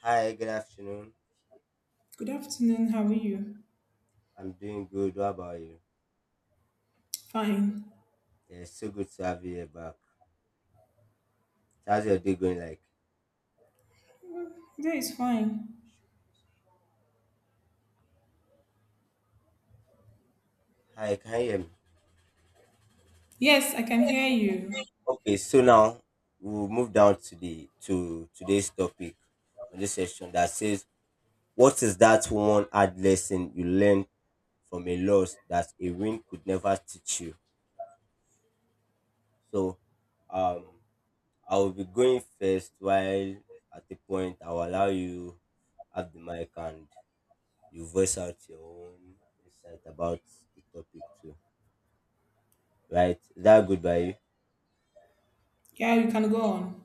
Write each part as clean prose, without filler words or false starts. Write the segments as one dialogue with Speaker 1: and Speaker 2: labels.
Speaker 1: Hi, good afternoon.
Speaker 2: Good afternoon. How are you?
Speaker 1: I'm doing good. What about you?
Speaker 2: Fine.
Speaker 1: Yeah, it's so good to have you here back. So how's your day going like?
Speaker 2: That is fine.
Speaker 1: Hi, can you hear me?
Speaker 2: Yes, I can hear you.
Speaker 1: Okay, so now we'll move down to the to today's topic on this session that says what is that one hard lesson you learned from a loss that a win could never teach you? So um I will be going first while at the point I'll allow you have the mic and you voice out your own insight about the topic too. Right? Is that good by you.
Speaker 2: Yeah, you can go on.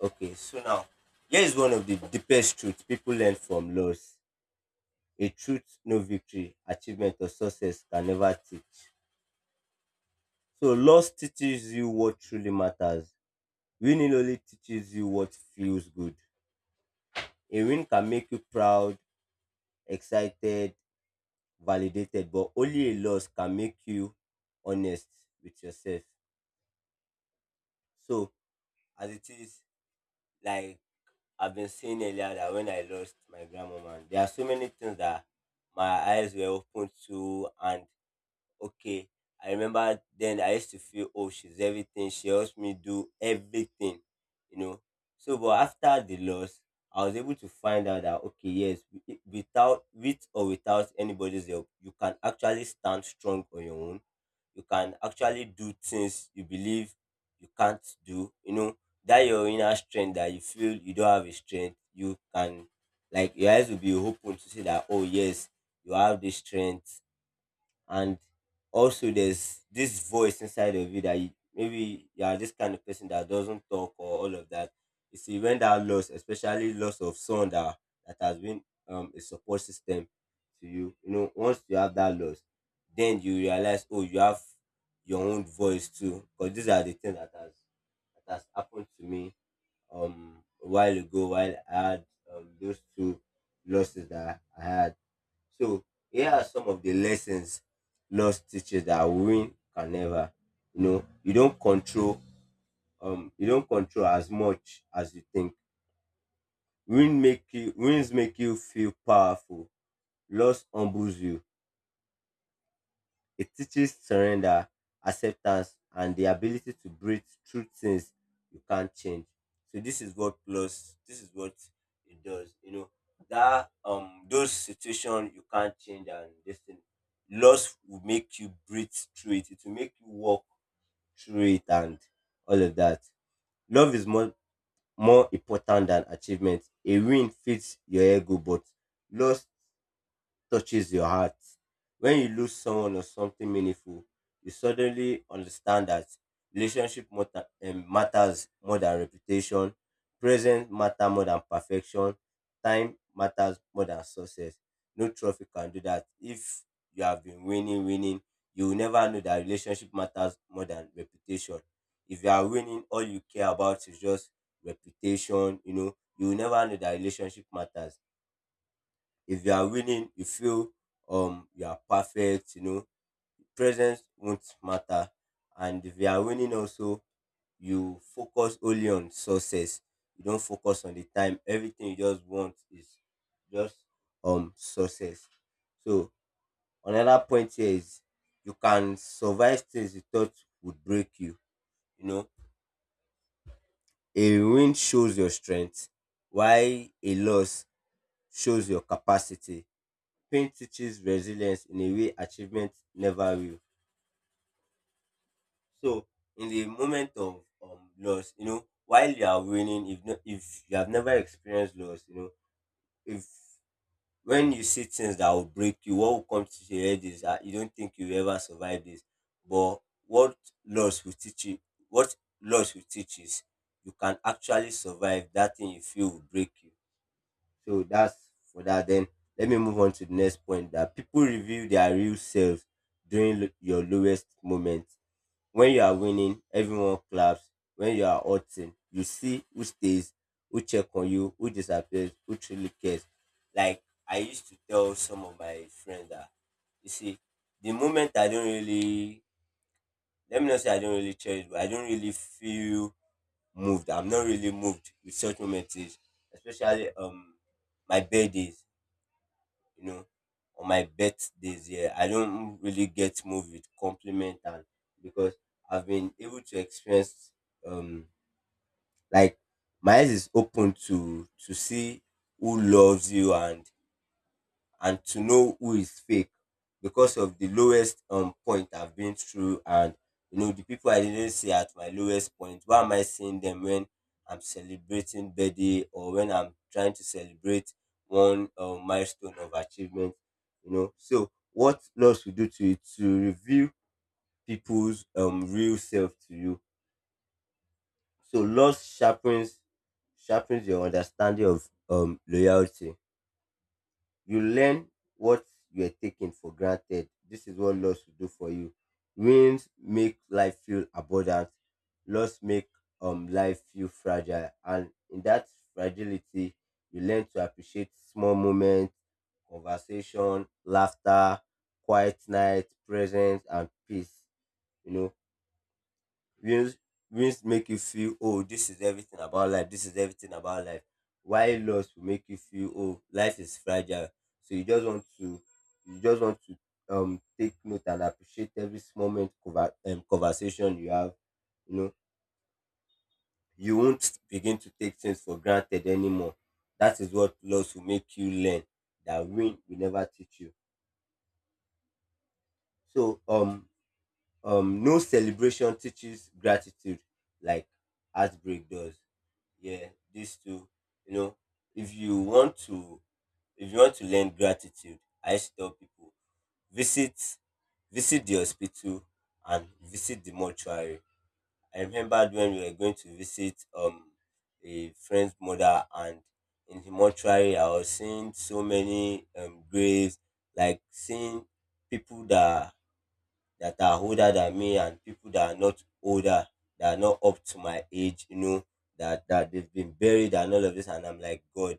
Speaker 1: Okay, so now here is one of the deepest truths people learn from loss. A truth no victory, achievement or success can never teach. So loss teaches you what truly matters. Winning only teaches you what feels good. A win can make you proud, excited, validated, but only a loss can make you honest with yourself. So as it is, like I've been saying earlier that when I lost my grandmama, there are so many things that my eyes were open to, and okay. I remember then I used to feel, oh, she's everything. She helps me do everything, you know. So, but after the loss, I was able to find out that, okay, yes, without, with or without anybody's help, you can actually stand strong on your own. You can actually do things you believe you can't do, you know. That your inner strength that you feel you don't have a strength, you can, like, your eyes will be open to see that, oh, yes, you have this strength and also there's this voice inside of you that you, maybe you are this kind of person that doesn't talk or all of that. You see, when that loss, especially loss of someone that has been a support system to you, you know, once you have that loss, then you realize, oh, you have your own voice too, because these are the things that has happened to me um a while ago while I had those two losses that I had, so here are some of the lessons loss teaches that win can never. You know, you don't control you don't control as much as you think. Wins make you feel powerful. Loss humbles you. It teaches surrender, acceptance, and the ability to breathe through things you can't change. So this is what it does. You know that those situations you can't change and this thing, loss will make you breathe through it. It will make you walk through it and all of that. Love is more important than achievement. A win fits your ego, but loss touches your heart. When you lose someone or something meaningful, you suddenly understand that matters more than reputation, present matter more than perfection, time matters more than success. No trophy can do that. If you have been winning, you will never know that relationship matters more than reputation. If you are winning, all you care about is just reputation, you know, you will never know that relationship matters. If you are winning, you feel you are perfect, you know, presence won't matter. And if you are winning also, you focus only on success. You don't focus on the time. Everything you just want is just success. So another point here is you can survive things you thought would break you. You know, a win shows your strength, while a loss shows your capacity. Pain teaches resilience in a way achievement never will. So in the moment of loss, you know, while you are winning, if you have never experienced loss, you know, if when you see things that will break you, what will come to your head is that you don't think you will ever survive this. But what loss will teach you, what loss will teach is you can actually survive that thing you feel will break you. So that's for that. Then let me move on to the next point that people reveal their real selves during your lowest moment. When you are winning, everyone claps. When you are hurting, you see who stays, who check on you, who disappears, who truly cares. Like I used to tell some of my friends that you see, the moment I don't really, let me not say I don't really cherish, but I don't really feel moved. I'm not really moved with such moments, is especially my birthdays, you know, on my birthdays, yeah, I don't really get moved with compliment and because I've been able to experience um like my eyes is open to see who loves you and to know who is fake because of the lowest point I've been through. And you know, the people I didn't see at my lowest point. Why am I seeing them when I'm celebrating birthday or when I'm trying to celebrate one milestone of achievement? You know, so what loss will do to you to reveal people's real self to you. So loss sharpens your understanding of loyalty. You learn what you were taking for granted. This is what loss will do for you. Wins make life feel abundant. Loss make life feel fragile. And in that fragility, you learn to appreciate small moments, conversation, laughter, quiet night, presence, and peace. You know, Wins wins make you feel, oh, this is everything about life. This is everything about life. While loss will make you feel, oh, life is fragile. So you just want to take note and appreciate every small moment, conversation you have. You know, you won't begin to take things for granted anymore. That is what loss will make you learn that win will never teach you. So no celebration teaches gratitude like heartbreak does. Yeah, these two, you know, if you want to if you want to learn gratitude, I used to tell people visit visit the hospital and visit the mortuary. I remembered when we were going to visit a friend's mother, and in the mortuary I was seeing so many graves, like seeing people that are older than me and people that are not older, that are not up to my age, you know, that they've been buried and all of this. And I'm like, God,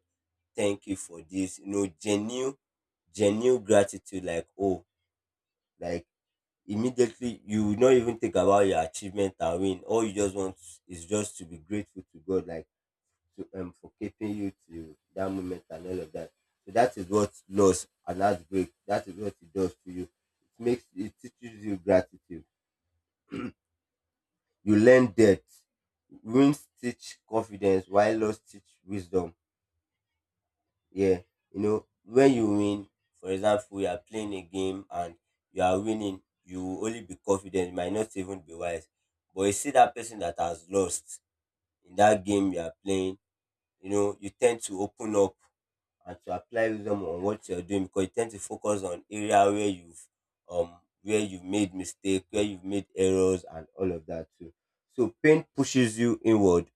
Speaker 1: thank you for this, you know, genuine gratitude, like, oh, like immediately you will not even think about your achievement and win. All you just want is just to be grateful to God, like to for keeping you to that moment and all of that. So that is what loss and heartbreak, that is what it does to you. It makes, it teaches you gratitude. You learn depth. Wins teach confidence while loss teach wisdom. Yeah. You know, when you win, for example, you are playing a game and you are winning, you will only be confident, you might not even be wise. But you see that person that has lost in that game you are playing, you know, you tend to open up and to apply wisdom on what you're doing because you tend to focus on area um where you've made mistake, where you've made errors and all of that too. So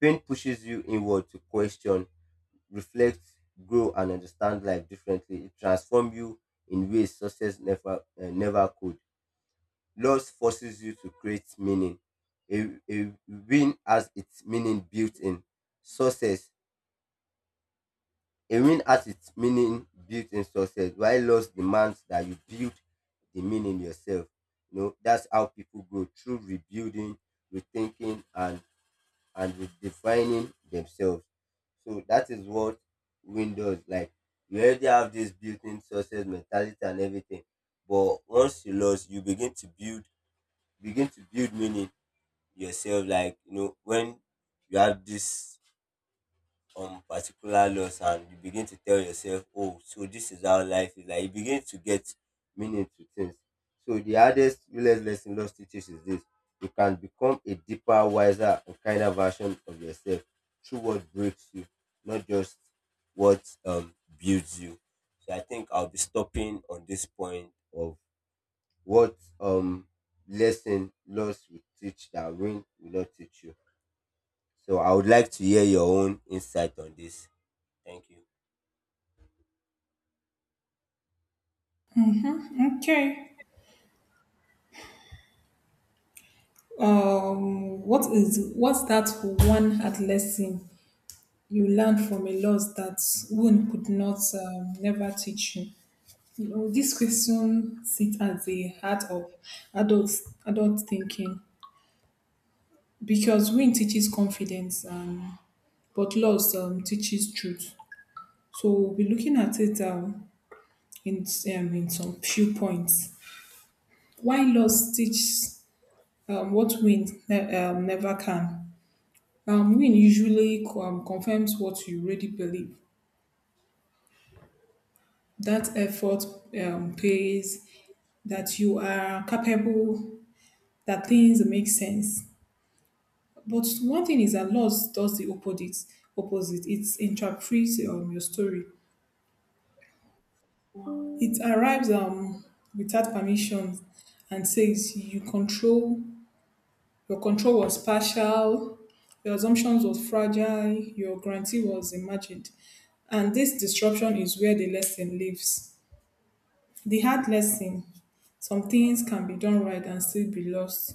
Speaker 1: pain pushes you inward to question, reflect, grow, and understand life differently. It transforms you in ways success never could. Loss forces you to create meaning. A win has its meaning built in. Success. A win has its meaning built in success, while loss demands that you build the meaning yourself. You know, that's how people grow through rebuilding, rethinking, and redefining themselves. So that is what win does. Like you already have this built-in success mentality and everything, but once you lost, you begin to build meaning yourself. Like, you know, when you have this on particular loss and you begin to tell yourself, oh, so this is how life is. Like you begin to get meaning to things. So the hardest realest lesson loss teaches is this. You can become a deeper, wiser, and kinder version of yourself through what breaks you, not just what builds you. So I think I'll be stopping on this point of what lesson loss will teach that win will not teach you. So I would like to hear your own insight on this. Thank you.
Speaker 2: Okay. What's that one hard lesson you learned from a loss that one could not never teach you? You know, this question sits at the heart of adult thinking, because win teaches confidence, but loss teaches truth. So we'll be looking at it in, in some few points. Why loss teaches what win never can. Win usually confirms what you already believe. That effort pays, that you are capable, that things make sense. But one thing is that loss does the opposite. Opposite, it interprets your story. It arrives without permission and says your control was partial, your assumptions was fragile, your guarantee was imagined. And this disruption is where the lesson lives. The hard lesson: some things can be done right and still be lost.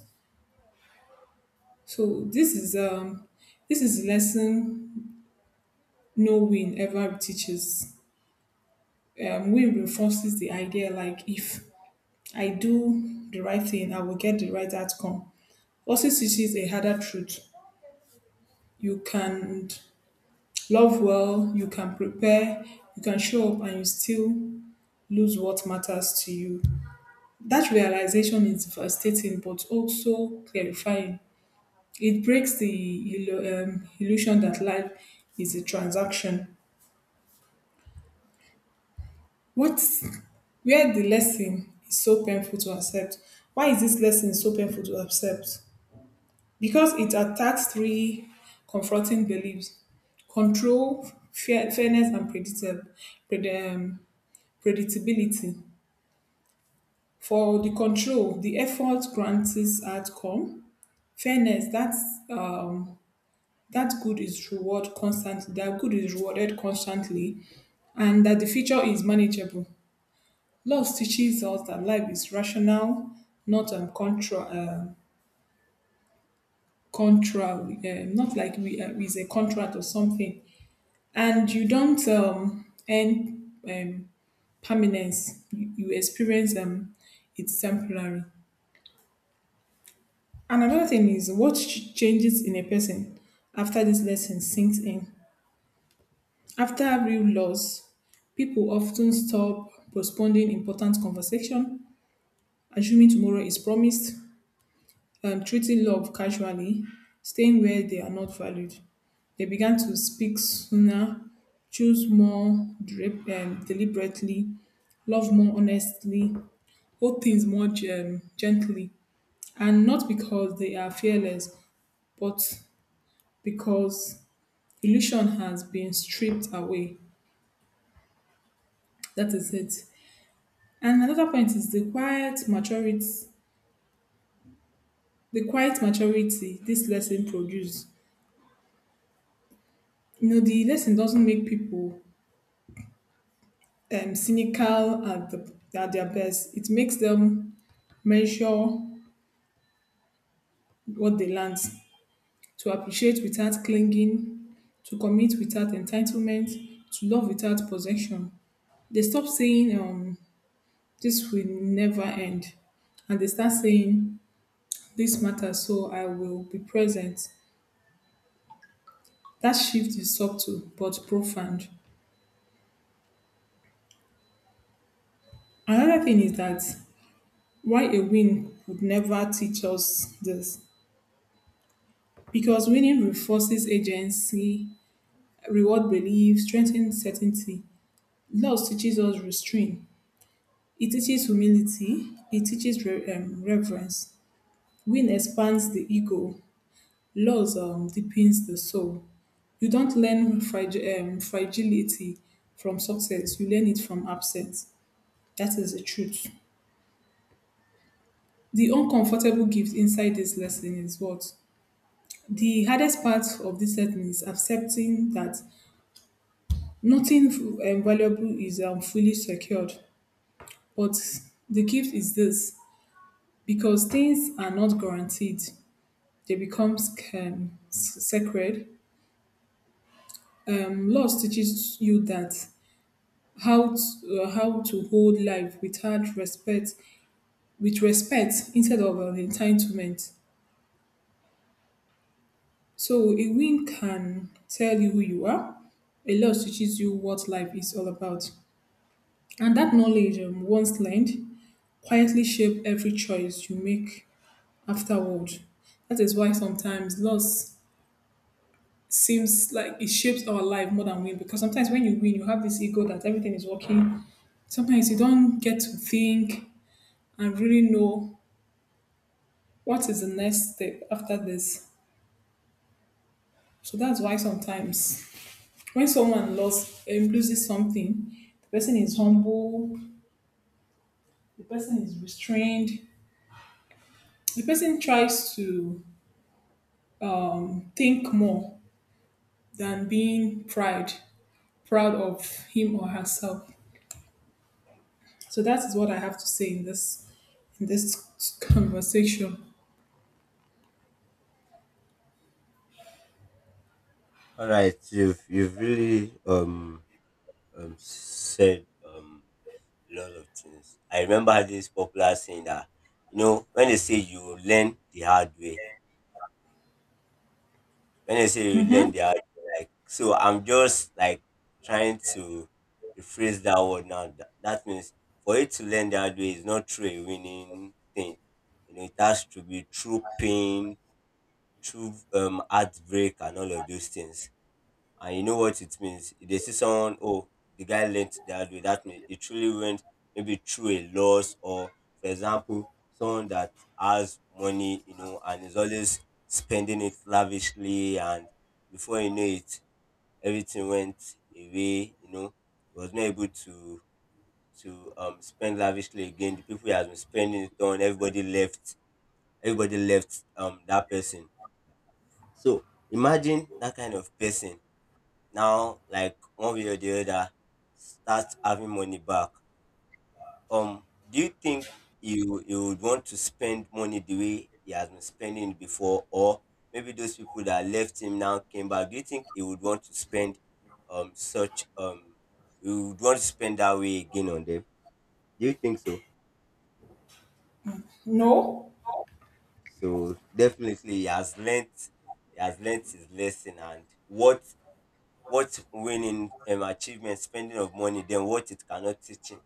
Speaker 2: So this is a lesson no win ever teaches. Win reinforces the idea, like, if I do the right thing, I will get the right outcome. Also teaches a harder truth. You can love well, you can prepare, you can show up, and you still lose what matters to you. That realization is devastating but also clarifying. It breaks the illusion that life is a transaction. What, where the lesson is so painful to accept? Why is this lesson so painful to accept? Because it attacks three confronting beliefs: control, fairness, and pred, um, predictability. For the control, the effort guarantees outcome. Fairness, that's um, that good is reward constantly. That good is rewarded constantly, and that the future is manageable. Love teaches us that life is rational, not contra, contra, not like we is a contract or something. And you don't end permanence. You experience, it's temporary. And another thing is what changes in a person after this lesson sinks in. After real loss, people often stop postponing important conversation, assuming tomorrow is promised, treating love casually, staying where they are not valued. They began to speak sooner, choose more deliberately, love more honestly, hold things more gently, and not because they are fearless, but because illusion has been stripped away. That is it. And another point is the quiet maturity. The quiet maturity this lesson produced. You know, the lesson doesn't make people cynical. At their best, it makes them measure what they learned, to appreciate without clinging, to commit without entitlement, to love without possession. They stop saying, this will never end, and they start saying, this matter, so I will be present. That shift is subtle but profound. Another thing is that why a win would never teach us this. Because winning reinforces agency, reward belief, strengthens certainty. Loss teaches us restraint. It teaches humility. It teaches reverence. Win expands the ego. Loss deepens the soul. You don't learn fragility from success, you learn it from absence. That is the truth. The uncomfortable gift inside this lesson is what? The hardest part of this lesson is accepting that nothing valuable is fully secured. But the gift is this: because things are not guaranteed, they become sacred. Laws teaches you how to hold life without respect, with respect instead of entitlement. So a win can tell you who you are, a loss teaches you what life is all about. And that knowledge, once learned, quietly shape every choice you make afterward. That is why sometimes loss seems like it shapes our life more than win, because sometimes when you win, you have this ego that everything is working. Sometimes you don't get to think and really know what is the next step after this. So that's why sometimes, when someone lost loses something, the person is humble, the person is restrained, the person tries to think more than being proud of him or herself. So that is what I have to say in this conversation.
Speaker 1: All right, you've really said a lot of things. I remember this popular saying that, you know, when they say you learn
Speaker 2: Mhm.
Speaker 1: the hard way, like, so I'm just like trying to rephrase that word now. That means for you to learn the hard way is not through a winning thing. You know, it has to be through pain, through heartbreak and all of those things. And you know what it means. If they see someone, oh, the guy learned the hard way, that means it truly went maybe through a loss, or for example, someone that has money, you know, and is always spending it lavishly, and before you know it, everything went away, you know, he was not able to spend lavishly again. The people he has been spending it on, everybody left that person. So imagine that kind of person now, like, one way or the other, start having money back. Do you think you would want to spend money the way he has been spending it before? Or maybe those people that left him now came back, do you think he would want to spend such he would want to spend that way again on them? Do you think so?
Speaker 2: No,
Speaker 1: So definitely he has learnt, he has learnt his lesson, and what winning achievement spending of money then what it cannot teach him,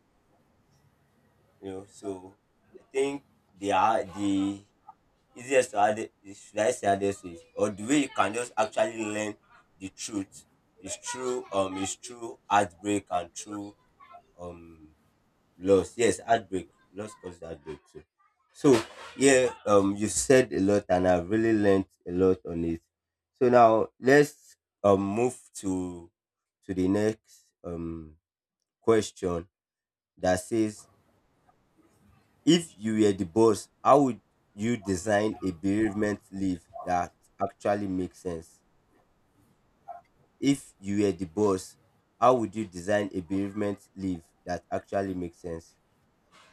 Speaker 1: you know. So I think they are the easiest to add, should I say hardest way or the way you can just actually learn the truth, is true heartbreak and true um loss. Yes, heartbreak. Loss causes heartbreak too. So yeah, you said a lot and I've really learned a lot on it. So now let's move to the next question that says, if you were the boss, how would you design a bereavement leave that actually makes sense? If you were the boss, how would you design a bereavement leave that actually makes sense?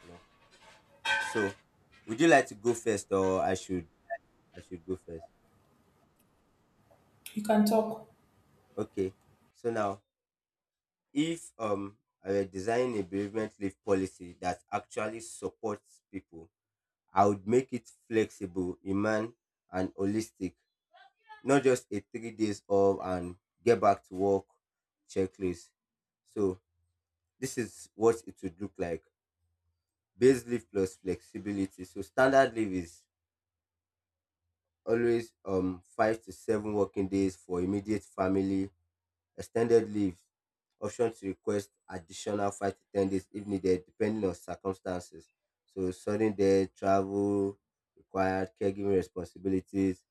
Speaker 1: You know? So, would you like to go first, or I should go first?
Speaker 2: you can talk.
Speaker 1: Okay. So now, if I were designing a bereavement leave policy that actually supports people, I would make it flexible, human, and holistic, not just a 3 days off and get back to work checklist. So this is what it would look like. Base leave plus flexibility. So standard leave is always 5 to 7 working days for immediate family. Extended leave, option to request additional 5 to 10 days if needed, depending on circumstances. So sudden death, travel required, caregiving responsibilities,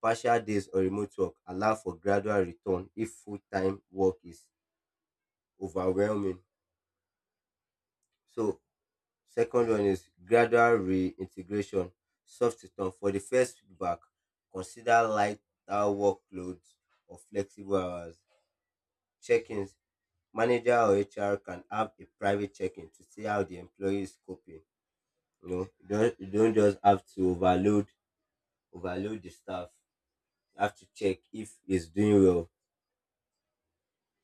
Speaker 1: partial days or remote work allow for gradual return if full time work is overwhelming. So second one is gradual reintegration, soft return. For the first feedback, consider lighter workloads or flexible hours. Check ins, manager or HR can have a private check in to see how the employee is coping. You know, you don't just have to overload the staff. You have to check if he's doing well.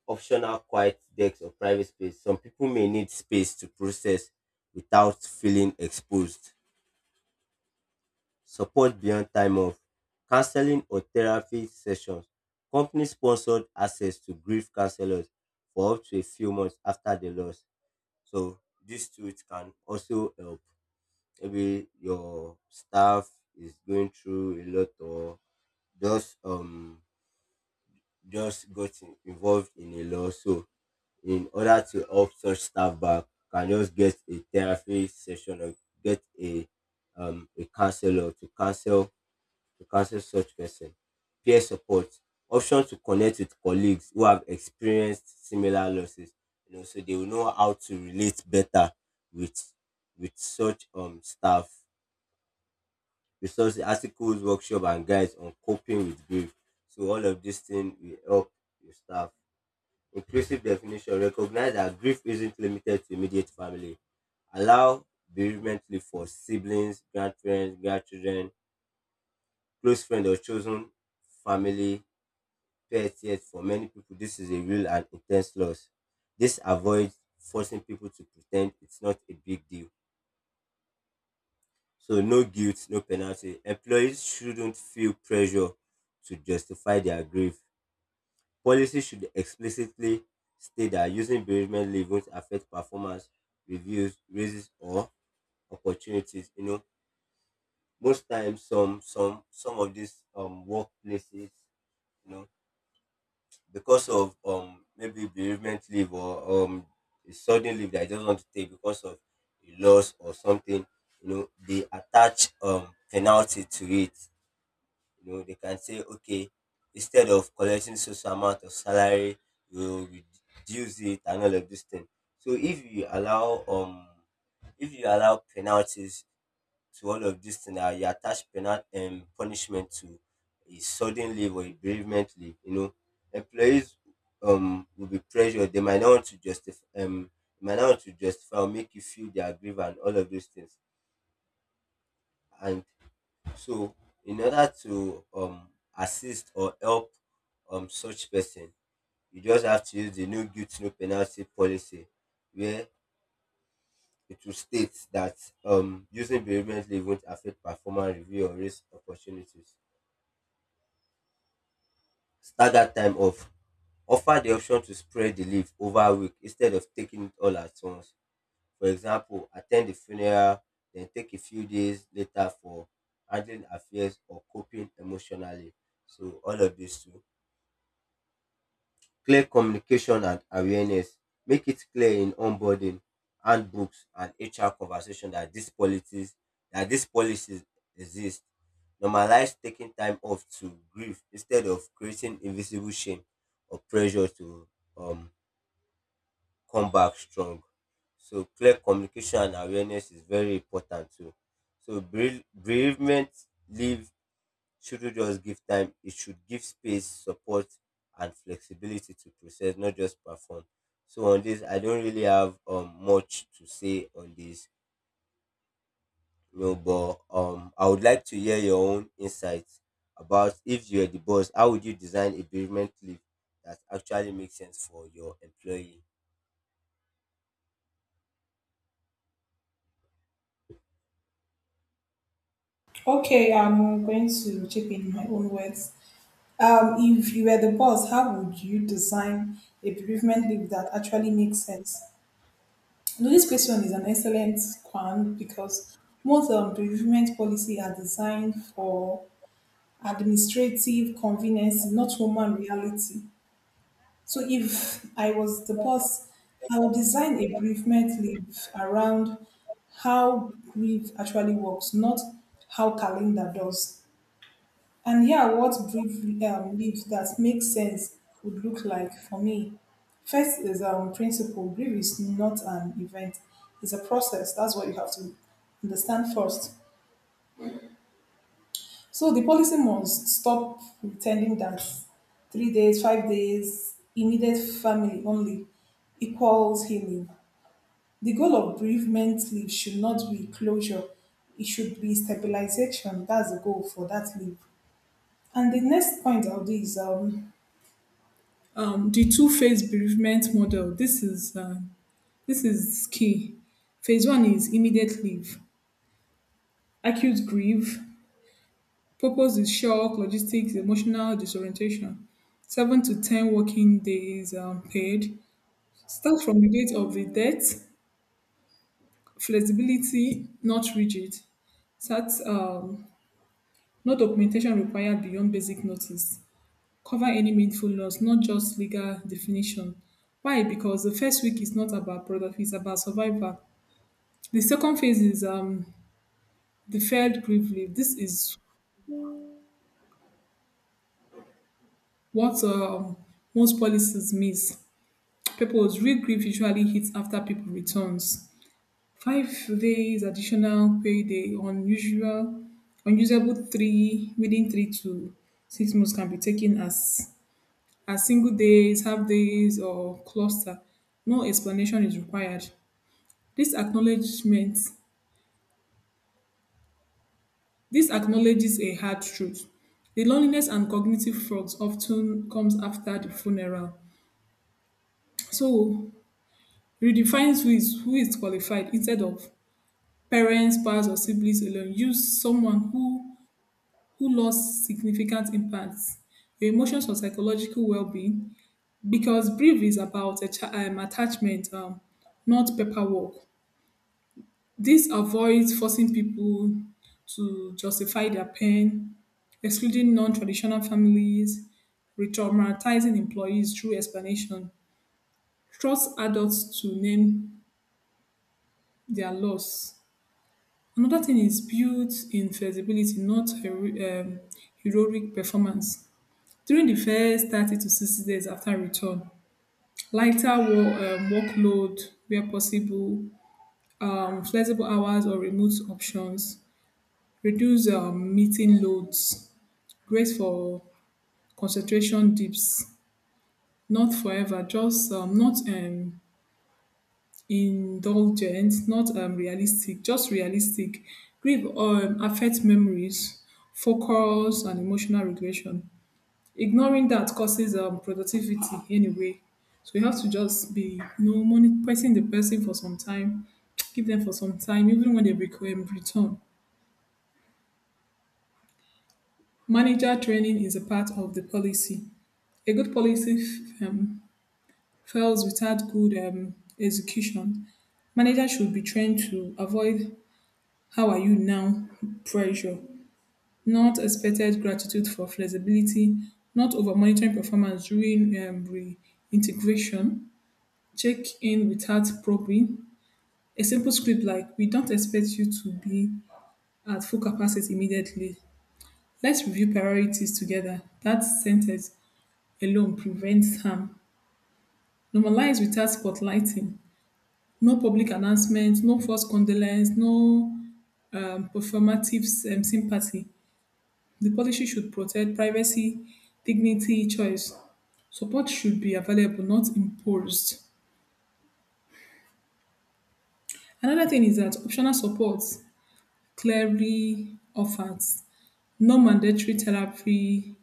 Speaker 1: Optional quiet decks or private space. Some people may need space to process without feeling exposed. Support beyond time off, counseling or therapy sessions. Company sponsored access to grief counselors for up to a few months after the loss. So these two, it can also help. Maybe your staff is going through a lot, or just um just got involved in a loss. So in order to help such staff back, can just get a therapy session or get a counselor to counsel such person. Peer support, option to connect with colleagues who have experienced similar losses, you know, so they will know how to relate better with with such staff. Resource articles, workshop and guides on coping with grief, so all of this thing will help your staff. Inclusive definition, recognize that grief isn't limited to immediate family. Allow bereavement leave for siblings, grandparents, grandchildren, close friends, or chosen family, pets. Yet for many people, this is a real and intense loss. This avoids forcing people to pretend it's not a big deal. So no guilt, no penalty. Employees shouldn't feel pressure to justify their grief. Policy should explicitly state that using bereavement leave won't affect performance reviews, raises, or opportunities. You know, most times, some some of these workplaces, you know, because of maybe bereavement leave or a sudden leave that I just want to take because of a loss or something, you know, they attach penalty to it. You know, they can say, okay, instead of collecting social amount of salary, you reduce it and all of this thing. So if you allow penalties to all of this thing, you attach penal punishment to a sudden leave or a bereavement leave, you know, employees will be pressured. They might not want to justify they might not want to justify or make you feel their grief and all of those things. And so, in order to assist or help such person, you just have to use the no guilt no penalty policy, where it will state that using bereavement leave won't affect performance review or risk opportunities. Stagger time off. Offer the option to spread the leave over a week instead of taking it all at once. For example, attend the funeral, then take a few days later for handling affairs or coping emotionally. So all of these too. Clear communication and awareness. Make it clear in onboarding, handbooks, and HR conversation that these policies exist. Normalize taking time off to grieve instead of creating invisible shame or pressure to um come back strong. So clear communication and awareness is very important too. So bereavement leave shouldn't just give time, it should give space, support, and flexibility to process, not just perform. So on this, I don't really have much to say on this, you know, but I would like to hear your own insights about if you're the boss, how would you design a bereavement leave that actually makes sense for your employee?
Speaker 2: Okay, I'm going to chip in my own words. If you were the boss, how would you design a bereavement leave that actually makes sense? No, this
Speaker 1: Mhm.
Speaker 2: question is an excellent one, because most bereavement policy are designed for administrative convenience, not human reality. So if I was the boss, I would design a bereavement leave around how grief actually works, not how calendar does. And here, what brief leaves that make sense would look like for me. First is principle. Grief is not an event, it's a process. That's what you have to understand first. So the policy must stop pretending that 3 days, 5 days, immediate family only equals healing. The goal of bereavement leave should not be closure, it should be stabilization. That's the goal for that leave. And the next point I'll do is the two-phase bereavement model. This is key. Phase one is immediate leave, acute grief. Purpose is shock, logistics, emotional disorientation. 7 to 10 working days, paid. Start from the date of the death. Flexibility, not rigid. Start No documentation required beyond basic notice. Cover any meaningful loss, not just legal definition. Why? Because the first week is not about product, it's about survival. The second phase is deferred grief leave. This is what most policies miss. People's real grief usually hits after people returns. 5 days additional payday on usual, unusable three within 3 to 6 months, can be taken as single days, half days, or cluster. No explanation is required. This acknowledgement This acknowledges a hard truth. The loneliness and cognitive fraud often comes after the funeral. So redefines who is qualified. Instead of parents, spouse, or siblings alone, use someone who lost significant impacts, your emotions or psychological well-being, because grief is about attachment, not paperwork. This avoids forcing people to justify their pain, excluding non traditional families, re traumatizing employees through explanation; trust adults to name their loss. Another thing is built in flexibility, not heroic performance. During the first 30 to 60 days after return: lighter workload where possible, flexible hours or remote options, reduce meeting loads. Great for concentration dips, not forever, just not indulgent, not realistic, just realistic. Grief affects memories, focus, and emotional regulation. Ignoring that causes productivity anyway. So you have to just be, you know, monitoring the person for some time, give them for some time, even when they return. Manager training is a part of the policy. A good policy fails without good execution. Managers should be trained to avoid "how are you now" pressure, not expected gratitude for flexibility, not over monitoring performance during reintegration, check in without probing. A simple script like, "We don't expect you to be at full capacity immediately. Let's review priorities together." That sentence alone prevents harm. Normalize without spotlighting: no public announcement, no forced condolence, no performative sympathy. The policy should protect privacy, dignity, choice. Support should be available, not imposed. Another thing is that optional support, clearly offered: no mandatory therapy,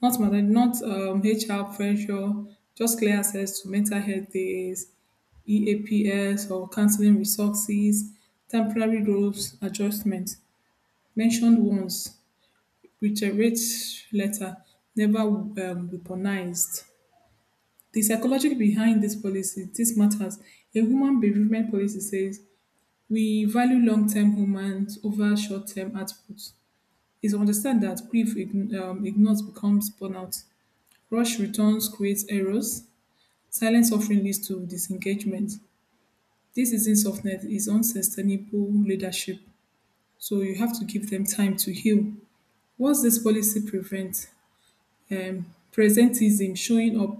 Speaker 2: not mandatory, not HR pressure, just clear access to mental health days, EAPS or counseling resources, temporary roles adjustment, mentioned once, reiterates letter, never weaponized. The psychology behind this policy, this matters. A human bereavement policy says we value long-term humans over short-term outputs. It's understand that grief ignores becomes burnout. Rush returns creates errors. Silent suffering leads to disengagement. This isn't softness, it's unsustainable leadership. So you have to give them time to heal. What's this policy prevent? um Presentism, showing up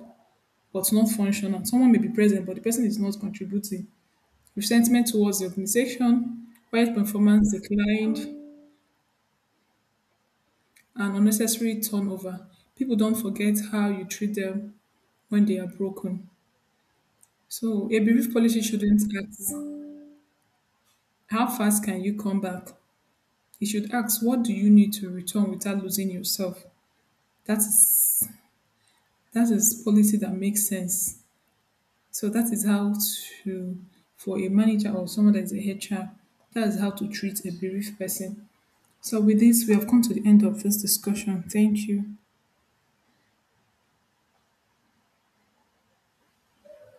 Speaker 2: but not functional. Someone may be present, but the person is not contributing. Resentment towards the organization, while performance declined, and unnecessary turnover. People don't forget how you treat them when they are broken. So, a bereaved policy shouldn't ask, "How fast can you come back?" It should ask, "What do you need to return without losing yourself?" That is, that is policy that makes sense. So that is how to, for a manager or someone that is a HR, that is how to treat a bereaved person. So with this, we have come to the end of this discussion. Thank you.